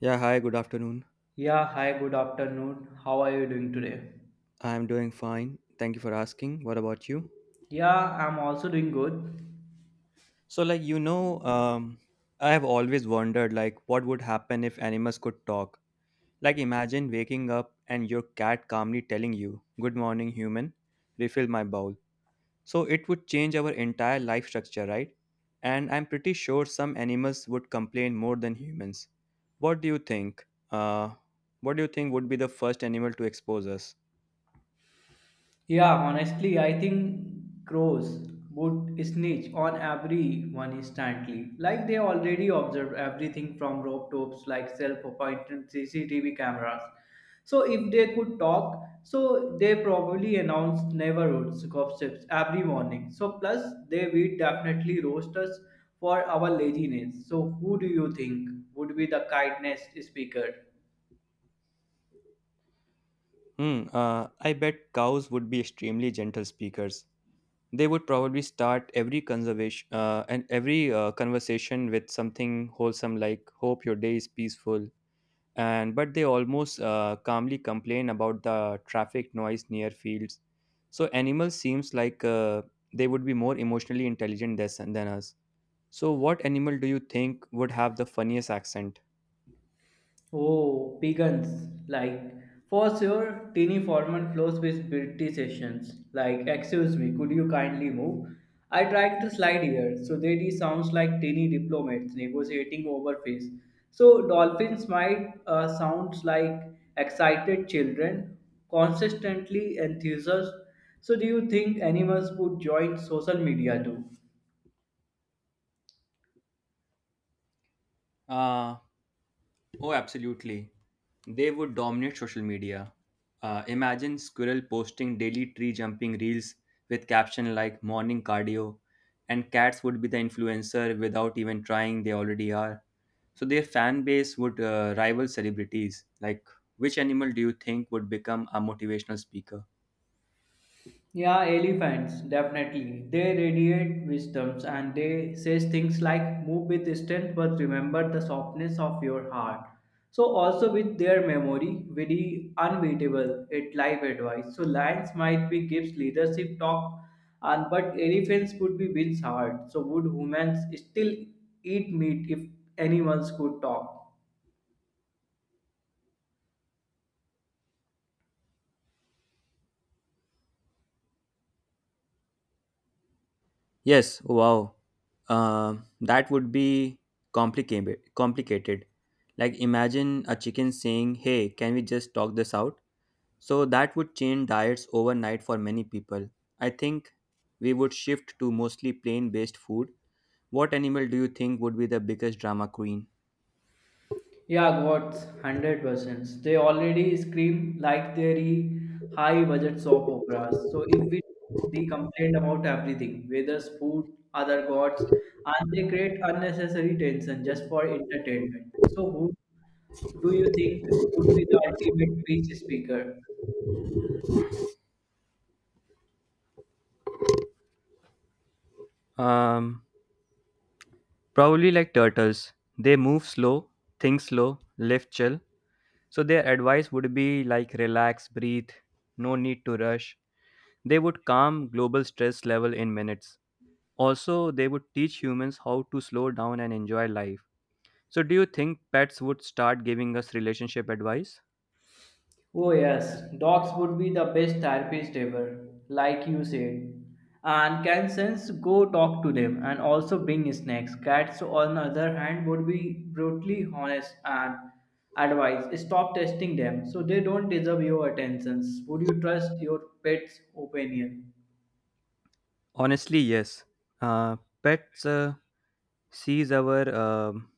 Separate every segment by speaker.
Speaker 1: Yeah, hi, good afternoon.
Speaker 2: Yeah, hi, good afternoon. How are you doing today?
Speaker 1: I'm doing fine. Thank you for asking. What about you?
Speaker 2: Yeah, I'm also doing good.
Speaker 1: So, like, you know, um, I have always wondered, like, what would happen if animals could talk? Like, imagine waking up and your cat calmly telling you, good morning, human, refill my bowl. So, it would change our entire life structure, right? And I'm pretty sure some animals would complain more than humans. What do you think? What do you think would be the first animal to expose us?
Speaker 2: Yeah, honestly, I think crows would snitch on everyone instantly. Like they already observe everything from rope tops like self-appointed CCTV cameras. If they could talk, so they probably announce neighborhoods gossips every morning. So plus they will definitely roast us for our laziness. So who do you think would be the kindness speaker?
Speaker 1: I bet cows would be extremely gentle speakers. They would probably start every conservation and every conversation with something wholesome like "Hope your day is peaceful." And but they almost calmly complain about the traffic noise near fields. So animals seems like they would be more emotionally intelligent than us. So what animal do you think would have the funniest accent?
Speaker 2: Oh, pagans. Like, for sure, Tini Forman flows with beauty sessions. Like, excuse me, could you kindly move? I tried to slide here, so that he sounds like tiny diplomats negotiating over face. So dolphins might sounds like excited children, consistently enthusiasts. So, do you think animals would join social media too?
Speaker 1: Uh, oh, absolutely. They would dominate social media. Imagine Squirrel posting daily tree jumping reels with caption like morning cardio, and cats would be the influencer without even trying, they already are. So their fan base would rival celebrities. Like, which animal do you think would become a motivational speaker?
Speaker 2: Yeah, elephants, definitely. They radiate wisdoms and they says things like move with strength but remember the softness of your heart. So also with their memory, very unbeatable at life advice. So lions might be gives leadership talk and but elephants would be wins hard. So would humans still eat meat if animals could talk?
Speaker 1: Yes, wow. That would be Complicated. Like imagine a chicken saying, "Hey, can we just talk this out?" So that would change diets overnight for many people. I think we would shift to mostly plain based food. What animal do you think would be the biggest drama queen?
Speaker 2: Yeah, what's 100%. They already scream like they're high budget soap operas. So if we they complain about everything, whether food, other gods, and they create unnecessary tension just for entertainment. So who do you think would be the ultimate peace speaker?
Speaker 1: Um, Probably like turtles. They move slow, think slow, live chill. So their advice would be like relax, breathe, no need to rush. They would calm global stress level in minutes. Also, they would teach humans how to slow down and enjoy life. So do you think pets would start giving us relationship advice?
Speaker 2: Oh, yes, dogs would be the best therapist ever, like you said. And can sense go talk to them and also bring snacks. Cats, on the other hand, would be brutally honest and advise stop testing them so they don't deserve your attentions. Would you trust your pet's opinion?
Speaker 1: Honestly, yes. Uh, pets uh, sees our um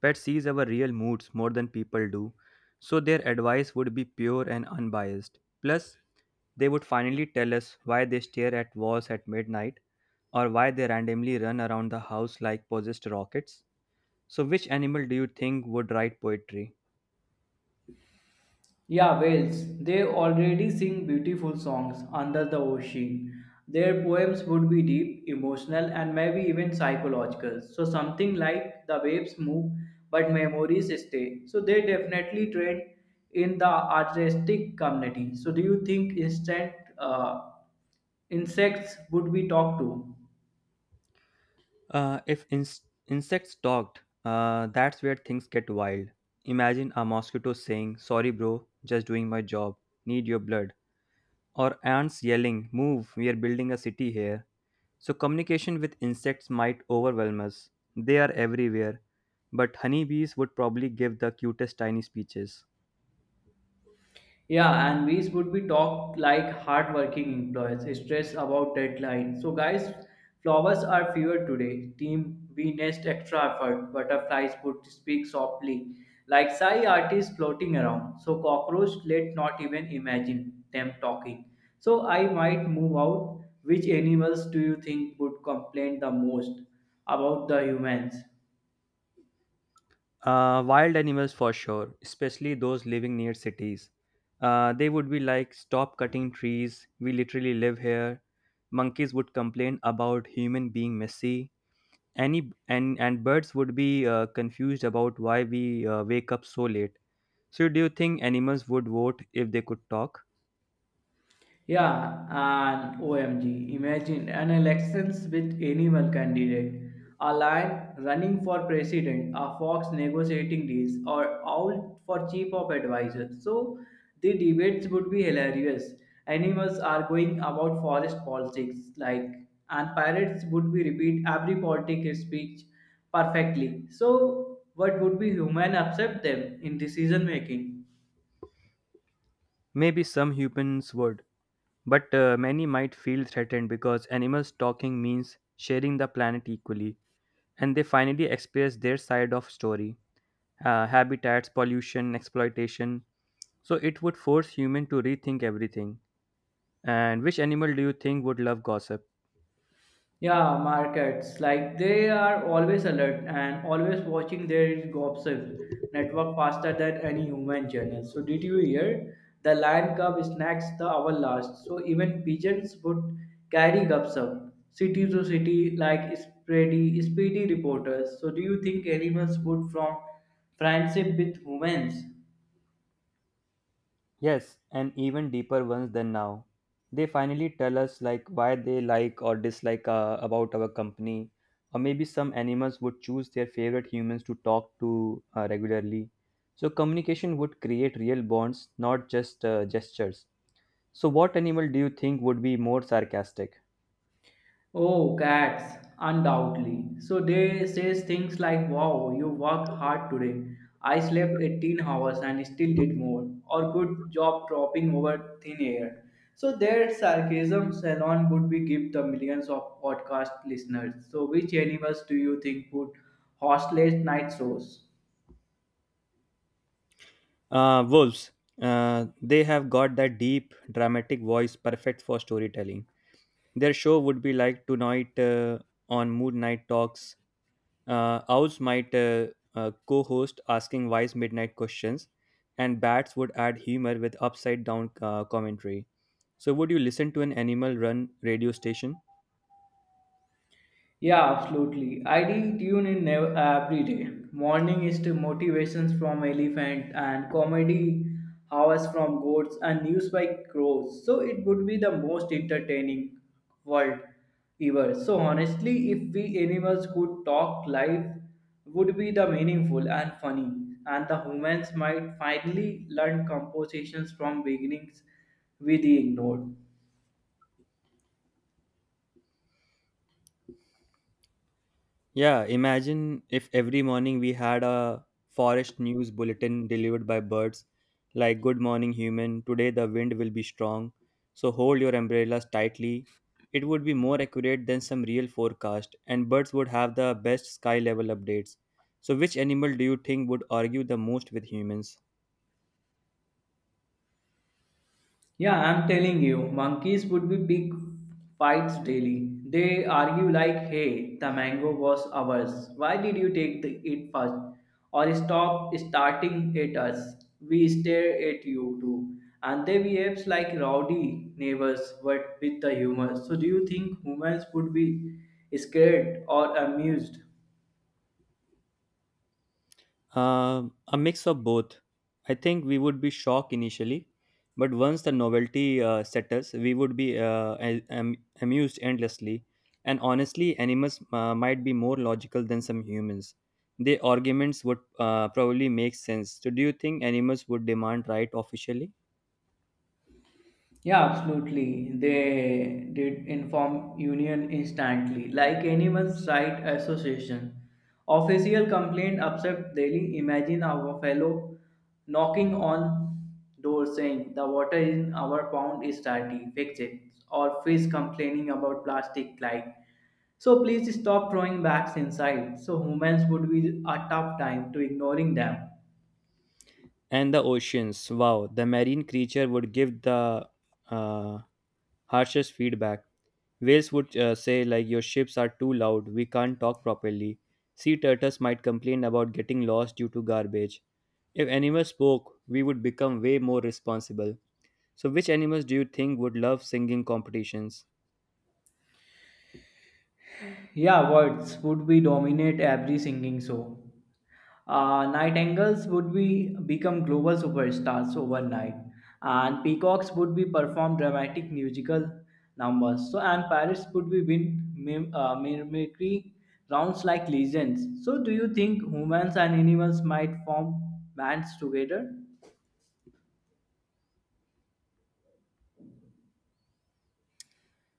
Speaker 1: pet sees our real moods more than people do, so their advice would be pure and unbiased. Plus, they would finally tell us why they stare at walls at midnight or why they randomly run around the house like possessed rockets. So, which animal do you think would write poetry?
Speaker 2: Yeah, whales. They already sing beautiful songs under the ocean. Their poems would be deep, emotional, and maybe even psychological. So, something like the waves move, but memories stay. So, they definitely trend in the artistic community. So, do you think instant insects would be talked to?
Speaker 1: If ins- insects talked, that's where things get wild. Imagine a mosquito saying, "Sorry, bro, just doing my job. Need your blood." Or ants yelling, move, we are building a city here. So, communication with insects might overwhelm us. They are everywhere, but honeybees would probably give the cutest tiny speeches.
Speaker 2: Yeah, and we would be talked like hardworking employees, stress about deadline. So, guys, flowers are fewer today. Team, we nest extra effort. Butterflies would speak softly, like sigh artists floating around. So, cockroach, let not even imagine them talking. So, I might move out. Which animals do you think would complain the most about the humans?
Speaker 1: Wild animals for sure, especially those living near cities. They would be like, stop cutting trees, we literally live here. Monkeys would complain about human being messy. Any and birds would be confused about why we wake up so late. So do you think animals would vote if they could talk?
Speaker 2: Yeah, and OMG, imagine an elections with animal candidate, a lion running for president, a fox negotiating deals, or owl for chief of advisors. So the debates would be hilarious. Animals are going about forest politics, like, and pirates would be repeat every politic speech perfectly. So what would be human accept them in decision making?
Speaker 1: Maybe some humans would, but many might feel threatened because animals talking means sharing the planet equally, and they finally express their side of story, habitats pollution exploitation. So it would force human to rethink everything. And which animal do you think would love gossip?
Speaker 2: Yeah, markets. Like they are always alert and always watching their gossip network faster than any human journal. So did you hear? The lion cub snacks the hour last. So even pigeons would carry gossip city to city like speedy reporters. So do you think animals would form friendship with humans?
Speaker 1: Yes, and even deeper ones than now. They finally tell us like why they like or dislike about our company, or maybe some animals would choose their favorite humans to talk to regularly. So communication would create real bonds, not just gestures. So what animal do you think would be more sarcastic?
Speaker 2: Oh, cats, undoubtedly. So they says things like, wow, you worked hard today. I slept 18 hours and still did more. Or good job dropping over thin air. So their sarcasm salon would be give the millions of podcast listeners. So which animals do you think would host late night shows?
Speaker 1: Wolves. They have got that deep, dramatic voice, perfect for storytelling. Their show would be like tonight on Moon Night Talks. Owls might co host asking wise midnight questions, and bats would add humor with upside down commentary. So, would you listen to an animal run radio station?
Speaker 2: Yeah, absolutely. Tune in every day. Morning is to motivations from elephant and comedy hours from goats and news by crows. So it would be the most entertaining world ever. So honestly, if we animals could talk, life would be the meaningful and funny. And the humans might finally learn compositions from beginnings we ignored.
Speaker 1: Yeah, imagine if every morning we had a forest news bulletin delivered by birds like good morning human, today the wind will be strong, so hold your umbrellas tightly. It would be more accurate than some real forecast and birds would have the best sky level updates. So which animal do you think would argue the most with humans?
Speaker 2: Yeah, I'm telling you, monkeys would be big fights daily. They argue like, hey, the mango was ours. Why did you take it first? Or stop starting at us. We stare at you too. And they behave like rowdy neighbors, but with the humor. So do you think humans would be scared or amused?
Speaker 1: A mix of both. I think we would be shocked initially, but once the novelty settles, we would be amused endlessly. And honestly, animals might be more logical than some humans. Their arguments would probably make sense. So, do you think animals would demand right officially?
Speaker 2: Yeah, absolutely. They did inform union instantly, like anyone's right association. Official complaint upset daily. Imagine our fellow knocking on door saying the water in our pond is dirty, fix it. Or fish complaining about plastic light. So please stop throwing bags inside. So humans would be a tough time to ignoring them.
Speaker 1: And the oceans. Wow, the marine creature would give the uh, harshest feedback. Whales would say, like, your ships are too loud, we can't talk properly. Sea turtles might complain about getting lost due to garbage. If animals spoke, we would become way more responsible. So, which animals do you think would love singing competitions?
Speaker 2: Yeah, words would be dominate every singing show. Nightingales would be become global superstars overnight, and peacocks would be perform dramatic musical numbers. So and parrots would be win mimicry rounds like legends. So do you think humans and animals might form bands together?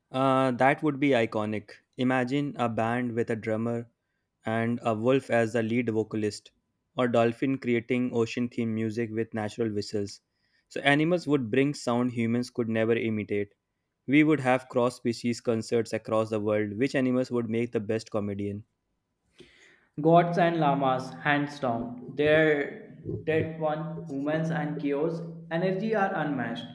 Speaker 1: That would be iconic. Imagine a band with a drummer and a wolf as the lead vocalist, or dolphin creating ocean themed music with natural whistles. So, animals would bring sound humans could never imitate. We would have cross species concerts across the world. Which animals would make the best comedian?
Speaker 2: Gods and lamas, hands down. Their that one, humans and chaos, energy are unmatched.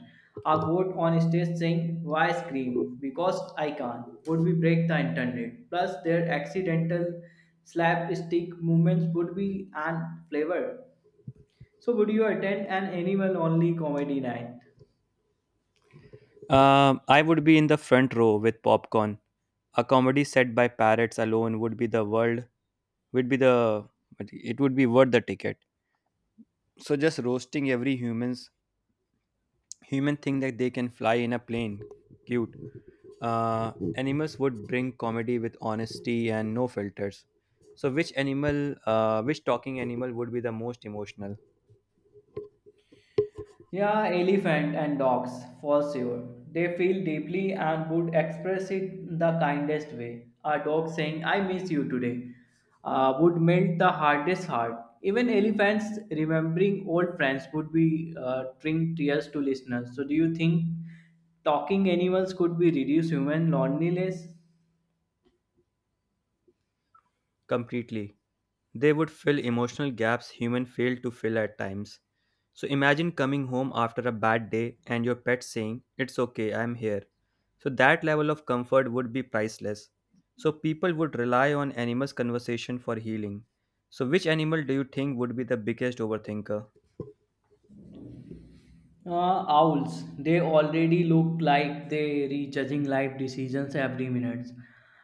Speaker 2: A goat on stage saying, why scream? Because I can't, would be break the internet. Plus, their accidental slapstick movements would be an flavor. So, would you attend an animal only comedy night?
Speaker 1: I would be in the front row with popcorn. A comedy set by parrots alone would be the world would be the but it would be worth the ticket. So just roasting every human thing that they can fly in a plane. Cute. Animals would bring comedy with honesty and no filters. So which animal which talking animal would be the most emotional?
Speaker 2: Yeah, elephant and dogs, for sure. They feel deeply and would express it the kindest way. A dog saying, I miss you today, would melt the hardest heart. Even elephants remembering old friends would be bring tears to listeners. So, do you think talking animals could be reduce human loneliness?
Speaker 1: Completely. They would fill emotional gaps humans fail to fill at times. So imagine coming home after a bad day and your pet saying, it's okay, I'm here. So that level of comfort would be priceless. So people would rely on animals' conversation for healing. So which animal do you think would be the biggest overthinker?
Speaker 2: Owls, they already look like they rejudging life decisions every minute.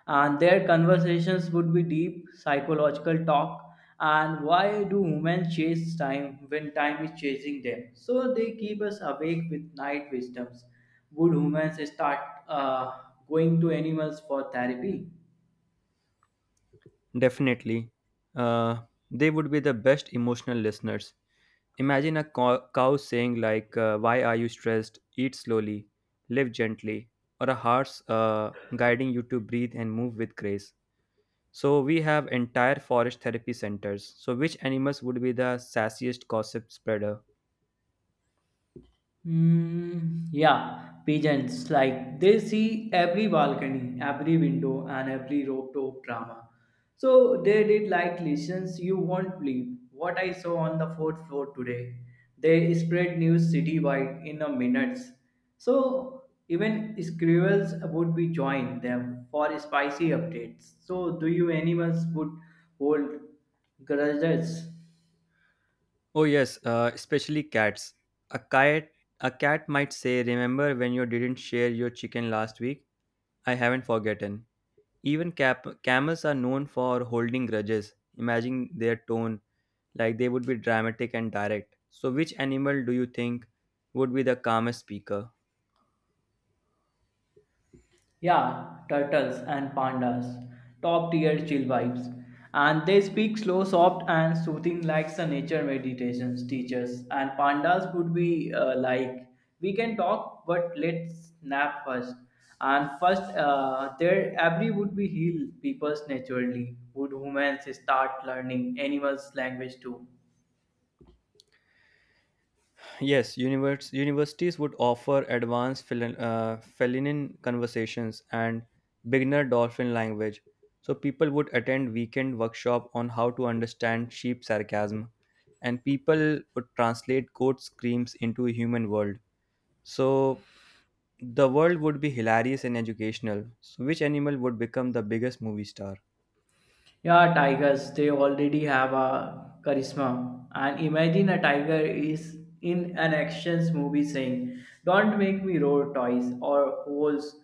Speaker 2: And their conversations would be deep psychological talk. And why do humans chase time when time is chasing them? So they keep us awake with night wisdoms. Would humans start uh, going to animals for therapy?
Speaker 1: Definitely. Uh, they would be the best emotional listeners. Imagine a cow saying like, "Why are you stressed? Eat slowly, live gently," or a horse guiding you to breathe and move with grace. So we have entire forest therapy centers. So which animals would be the sassiest gossip spreader?
Speaker 2: Mm, yeah, pigeons. Like they see every balcony, every window, and every rooftop drama. So they did like listens. You won't believe what I saw on the fourth floor today. They spread news citywide in a minutes. So even squirrels would be join them for spicy updates. So do you animals would hold grudges?
Speaker 1: Oh yes, especially cats. A cat, a cat might say, "Remember when you didn't share your chicken last week? I haven't forgotten." Even camels are known for holding grudges. Imagine their tone, like they would be dramatic and direct. So, which animal do you think would be the calmest speaker?
Speaker 2: Yeah, turtles and pandas. Top tier chill vibes. And they speak slow, soft, and soothing like the nature meditations teachers. And pandas would be like, we can talk, but let's nap first. And first, their every would be heal people's naturally. Would humans start learning animals' language too?
Speaker 1: Yes, universities would offer advanced feline conversations and beginner dolphin language. So, people would attend weekend workshop on how to understand sheep sarcasm, and people would translate goat screams into human world. So, the world would be hilarious and educational. So, which animal would become the biggest movie star?
Speaker 2: Yeah, tigers, they already have a charisma. And imagine a tiger is in an actions movie saying, don't make me roar toys or holes,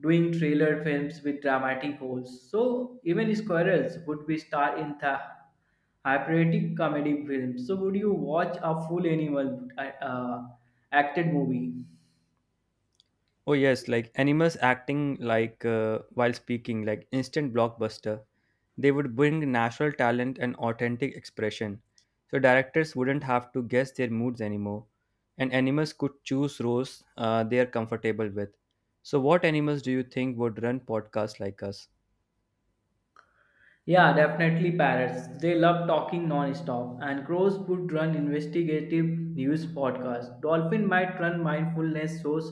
Speaker 2: doing trailer films with dramatic holes. So even squirrels would be star in the hyperiotic comedy film. So would you watch a full animal acted movie?
Speaker 1: Oh, yes, like animals acting like while speaking, like instant blockbuster. They would bring natural talent and authentic expression. So, directors wouldn't have to guess their moods anymore. And animals could choose roles they are comfortable with. So, what animals do you think would run podcasts like us?
Speaker 2: Yeah, definitely parrots. They love talking non-stop, and crows would run investigative news podcasts. Dolphin might run mindfulness shows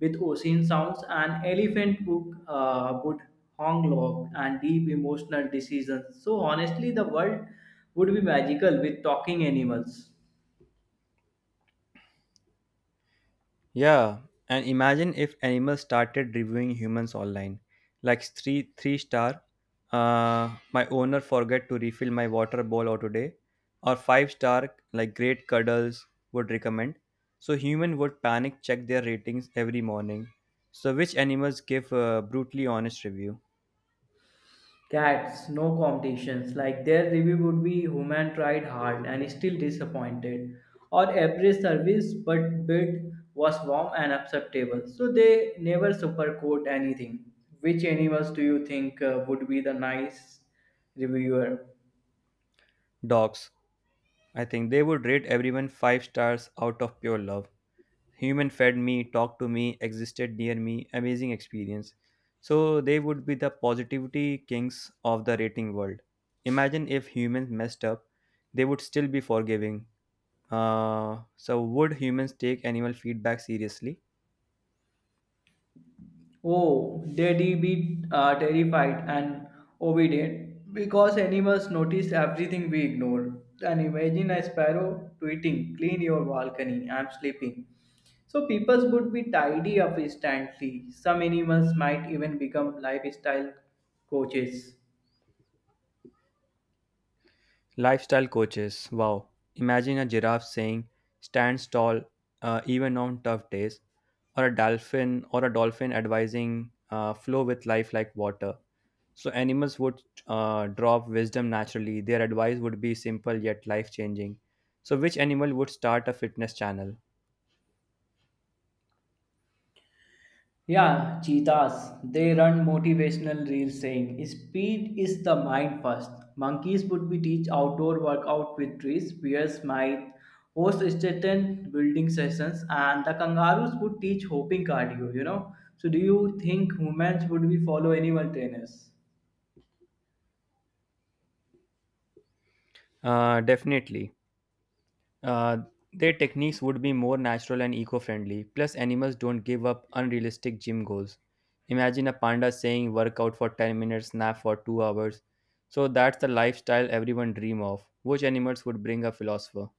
Speaker 2: with ocean sounds, and elephant would honk log and deep emotional decisions. So honestly, the world would be magical with talking animals.
Speaker 1: Yeah, and imagine if animals started reviewing humans online, like three star. My owner forget to refill my water bowl today, or five-star like great cuddles would recommend. So human would panic check their ratings every morning. So which animals give a brutally honest review?
Speaker 2: Cats, no competitions. Like their review would be human tried hard and still disappointed. Or average service but bid was warm and acceptable. So they never supercode anything. Which animals do you think would be the nice reviewer?
Speaker 1: Dogs. I think they would rate everyone five stars out of pure love. Human fed me talked to me existed near me amazing experience, so they would be the positivity kings of the rating world. Imagine if humans messed up, they would still be forgiving. So would humans take animal feedback seriously?
Speaker 2: Oh, Daddy be terrified and obedient because animals notice everything we ignore. And imagine a sparrow tweeting, clean your balcony, I'm sleeping. So people would be tidy up instantly. Some animals might even become lifestyle coaches.
Speaker 1: Lifestyle coaches, wow. Imagine a giraffe saying stand tall, even on tough days, or a dolphin advising flow with life like water. So animals would drop wisdom naturally. Their advice would be simple yet life changing. So which animal would start a fitness channel?
Speaker 2: Yeah, cheetahs. They run motivational reels saying, speed is the mind first. Monkeys would be teach outdoor workout with trees, bears might host strength building sessions, and the kangaroos would teach hopping cardio, you know. So do you think humans would be follow animal trainers?
Speaker 1: Definitely. Uh, their techniques would be more natural and eco friendly. Plus, animals don't give up unrealistic gym goals. Imagine a panda saying work out for 10 minutes, nap for 2 hours. So that's the lifestyle everyone dream of. Which animals would bring a philosopher?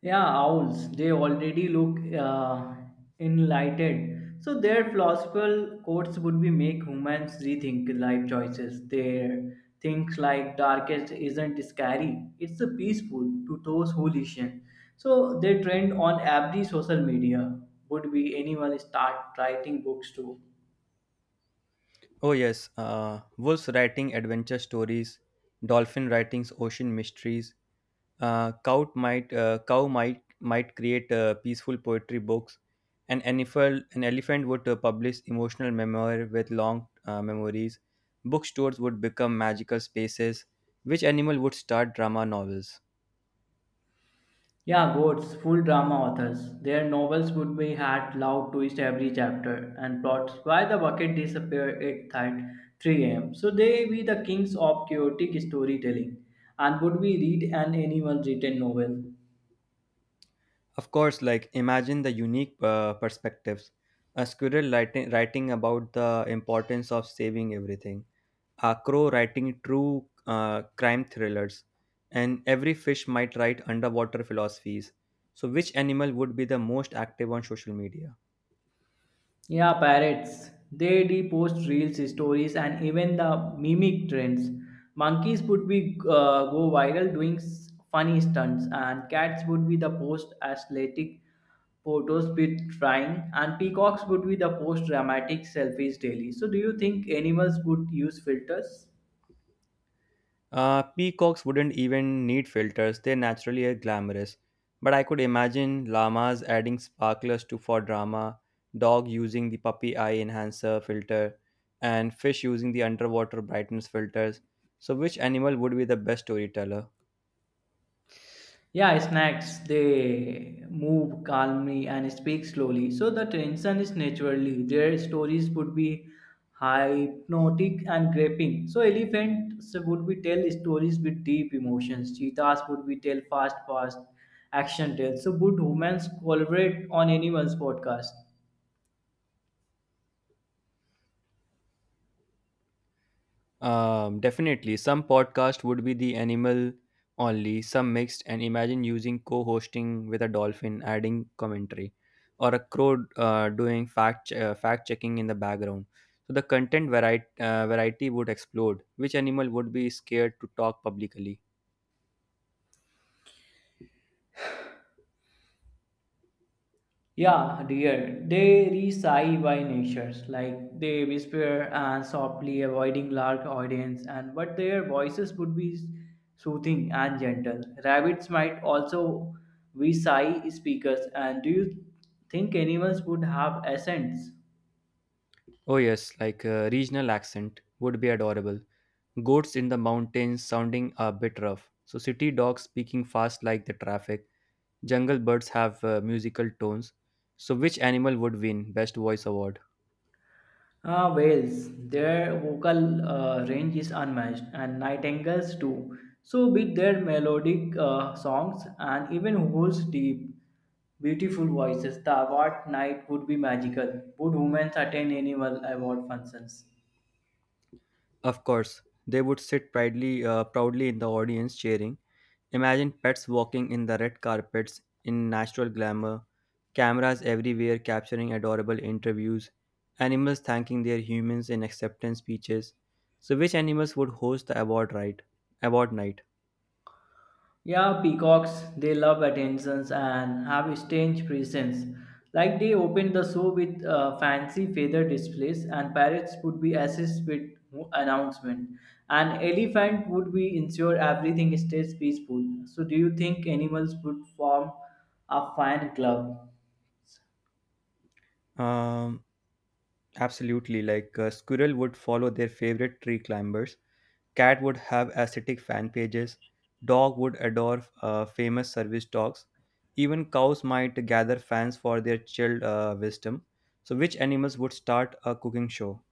Speaker 2: Yeah, owls, they already look enlightened. So their philosophical quotes would be make humans rethink life choices. Their things like darkest isn't scary. It's a peaceful to those who listen. So they trend on every social media. Would be anyone start writing books too.
Speaker 1: Oh yes, wolves writing adventure stories, dolphin writing ocean mysteries, cow might create peaceful poetry books. An elephant would publish emotional memoir with long memories. Bookstores would become magical spaces. Which animal would start drama novels?
Speaker 2: Yeah, goats, full drama authors. Their novels would be had loud twist every chapter and plots why the bucket disappeared at 3 a.m. So they be the kings of chaotic storytelling and would we read an anyone's written novel.
Speaker 1: Of course, like imagine the unique perspectives. A squirrel writing about the importance of saving everything. Acro writing true crime thrillers, and every fish might write underwater philosophies. So, which animal would be the most active on social media?
Speaker 2: Yeah, parrots. They repost reels, stories, and even the mimic trends. Monkeys would be go viral doing funny stunts, and cats would be the post athletic photos with trying and peacocks would be the post dramatic selfies daily. So do you think animals would use filters?
Speaker 1: Peacocks wouldn't even need filters, they naturally are glamorous. But I could imagine llamas adding sparklers to for drama, dog using the puppy eye enhancer filter, and fish using the underwater brightness filters. So, which animal would be the best storyteller?
Speaker 2: Yeah, snakes, they move calmly and speak slowly so the tension is naturally their stories would be hypnotic and gripping. So elephants would be tell stories with deep emotions, cheetahs would be tell fast action tales. So would humans collaborate on animals podcast?
Speaker 1: Definitely. Some podcast would be the animal only, some mixed, and imagine using co hosting with a dolphin adding commentary or a crow doing fact, fact checking in the background. So the content variety would explode. Which animal would be scared to talk publicly?
Speaker 2: Yeah, dear. They reside by natures, like they whisper and softly avoiding large audience, and but their voices would be soothing and gentle. Rabbits might also be sigh speakers, and do you think animals would have essence?
Speaker 1: Oh, yes, like a regional accent would be adorable. Goats in the mountains sounding a bit rough. So city dogs speaking fast like the traffic. Jungle birds have musical tones. So which animal would win best voice award?
Speaker 2: Whales, their vocal range is unmatched, and nightingales too. So, with their melodic songs and even whales' deep, beautiful voices, the award night would be magical. Would humans attend annual award functions?
Speaker 1: Of course, they would sit proudly in the audience cheering. Imagine pets walking in the red carpets in natural glamour, cameras everywhere capturing adorable interviews, animals thanking their humans in acceptance speeches. So which animals would host the award night?
Speaker 2: Yeah, peacocks, they love attentions and have a strange presence. Like they opened the show with fancy feather displays, and parrots would be assist with announcement. An elephant would be ensure everything stays peaceful. So, do you think animals would form a fan club?
Speaker 1: Um Absolutely, like a squirrel would follow their favorite tree climbers, cat would have aesthetic fan pages, dog would adore famous service dogs, even cows might gather fans for their chilled wisdom. So, which animals would start a cooking show?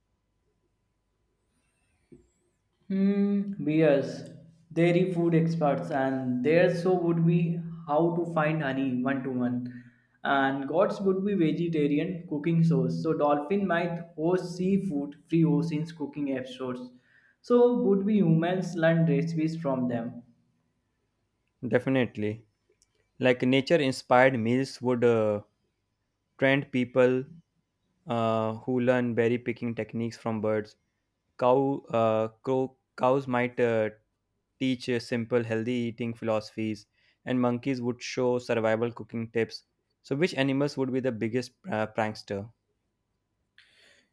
Speaker 2: Hmm, bears. Dairy food experts, and their so would be how to find honey one to one. And gods would be vegetarian cooking shows. So dolphin might host seafood free oceans cooking episodes. So would be humans learn recipes from them.
Speaker 1: Definitely, like nature-inspired meals would trend people who learn berry picking techniques from birds. Cows might teach simple healthy eating philosophies, and monkeys would show survival cooking tips. So which animals would be the biggest prankster?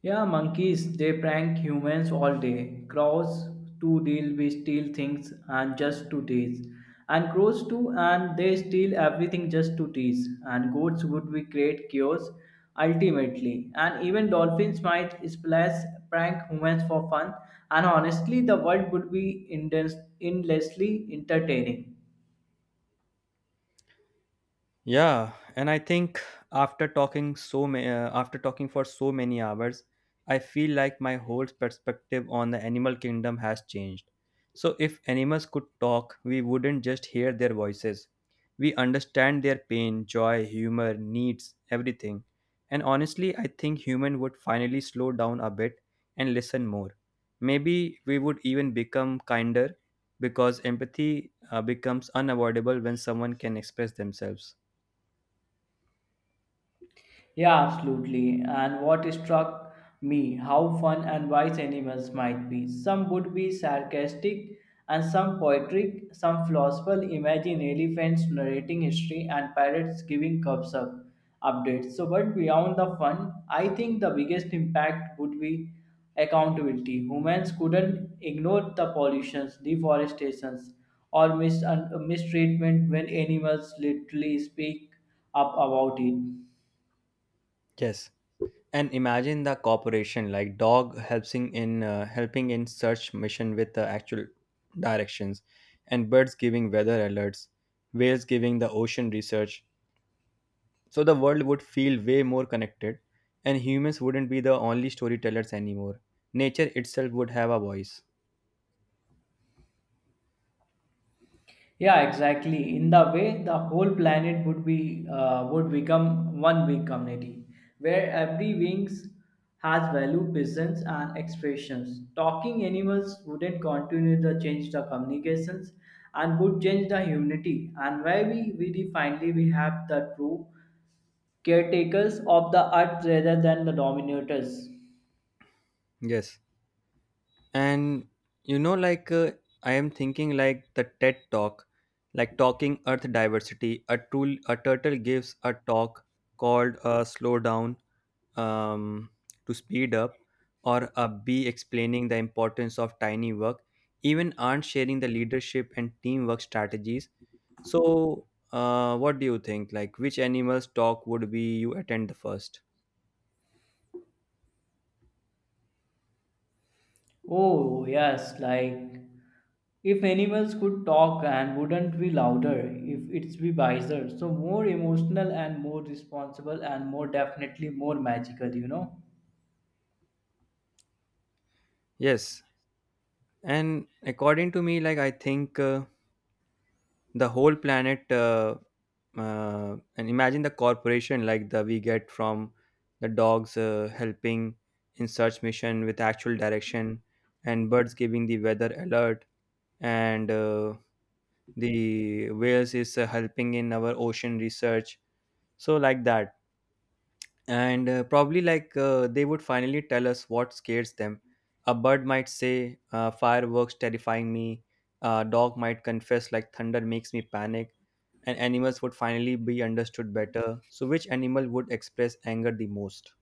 Speaker 2: Yeah, monkeys, they prank humans all day. Crows to deal, we steal things and just to tease. And crows too, and they steal everything just to tease. And goats would we create chaos ultimately. And even dolphins might splash prank humans for fun. And honestly, the world would be endlessly entertaining.
Speaker 1: Yeah, and I think after talking for so many hours, I feel like my whole perspective on the animal kingdom has changed. So if animals could talk, we wouldn't just hear their voices. We understand their pain, joy, humor, needs, everything. And honestly, I think human would finally slow down a bit and listen more. Maybe we would even become kinder because empathy becomes unavoidable when someone can express themselves.
Speaker 2: Yeah, absolutely. And what struck me how fun and wise animals might be. Some would be sarcastic and some poetic, some philosophical. Imagine elephants narrating history and parrots giving cups up updates. So, but beyond the fun, I think the biggest impact would be accountability. Humans couldn't ignore the pollutions, deforestations, or mistreatment when animals literally speak up about it.
Speaker 1: Yes, and imagine the cooperation like dog helping in search mission with the actual directions, and birds giving weather alerts, whales giving the ocean research. So the world would feel way more connected, and humans wouldn't be the only storytellers anymore. Nature itself would have a voice.
Speaker 2: Yeah, exactly. In the way, the whole planet would be would become one big community where every wings has value, presence, and expressions. Talking animals wouldn't continue to change the communications and would change the humanity. And where we really finally we have the true caretakers of the earth rather than the dominators.
Speaker 1: Yes, and you know like uh, I am thinking like the TED talk, like talking earth diversity, a tool, a turtle gives a talk called slow down, um, to speed up, or a bee explaining the importance of tiny work, even aren't sharing the leadership and teamwork strategies. So what do you think, like which animals talk would be you attend the first?
Speaker 2: Oh, yes, like if animals could talk and wouldn't be louder, if it's be wiser, so more emotional and more responsible and more definitely more magical, you know.
Speaker 1: Yes, and according to me, like I think the whole planet and imagine the corporation like the we get from the dogs helping in search mission with actual direction, and birds giving the weather alert, and the whales is helping in our ocean research. So like that, and probably like they would finally tell us what scares them. A bird might say, fireworks terrifying me. A dog might confess like thunder makes me panic, and animals would finally be understood better. So which animal would express anger the most?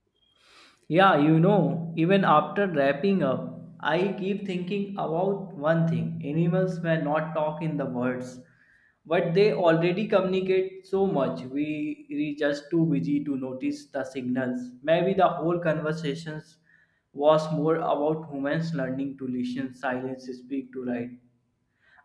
Speaker 2: Yeah, you know, even after wrapping up, I keep thinking about one thing. Animals may not talk in the words, but they already communicate so much. We are just too busy to notice the signals. Maybe the whole conversations was more about humans learning to listen, silence, speak to write.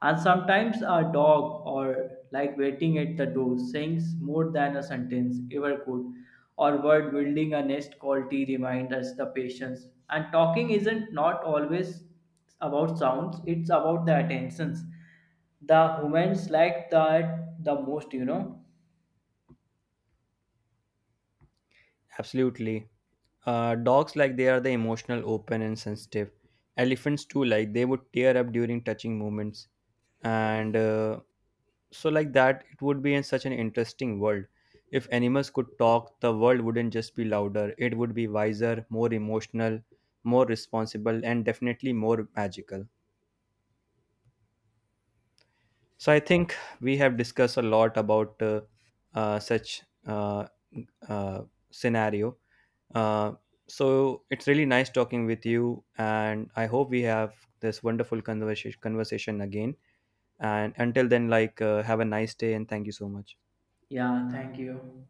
Speaker 2: And sometimes a dog or like waiting at the door sings more than a sentence ever could, or word building a nest quality remind us the patience. And talking isn't not always about sounds, it's about the attentions. The humans like that the most, you know.
Speaker 1: Absolutely, dogs, like they are the emotional open and sensitive. Elephants too, like they would tear up during touching moments, and so, like that, it would be in such an interesting world. If animals could talk, the world wouldn't just be louder, it would be wiser, more emotional, more responsible, and definitely more magical. So, I think we have discussed a lot about such uh, scenario. Uh, so, it's really nice talking with you, and I hope we have this wonderful conversation again. And until then, like, have a nice day, and thank you so much.
Speaker 2: Yeah, thank you.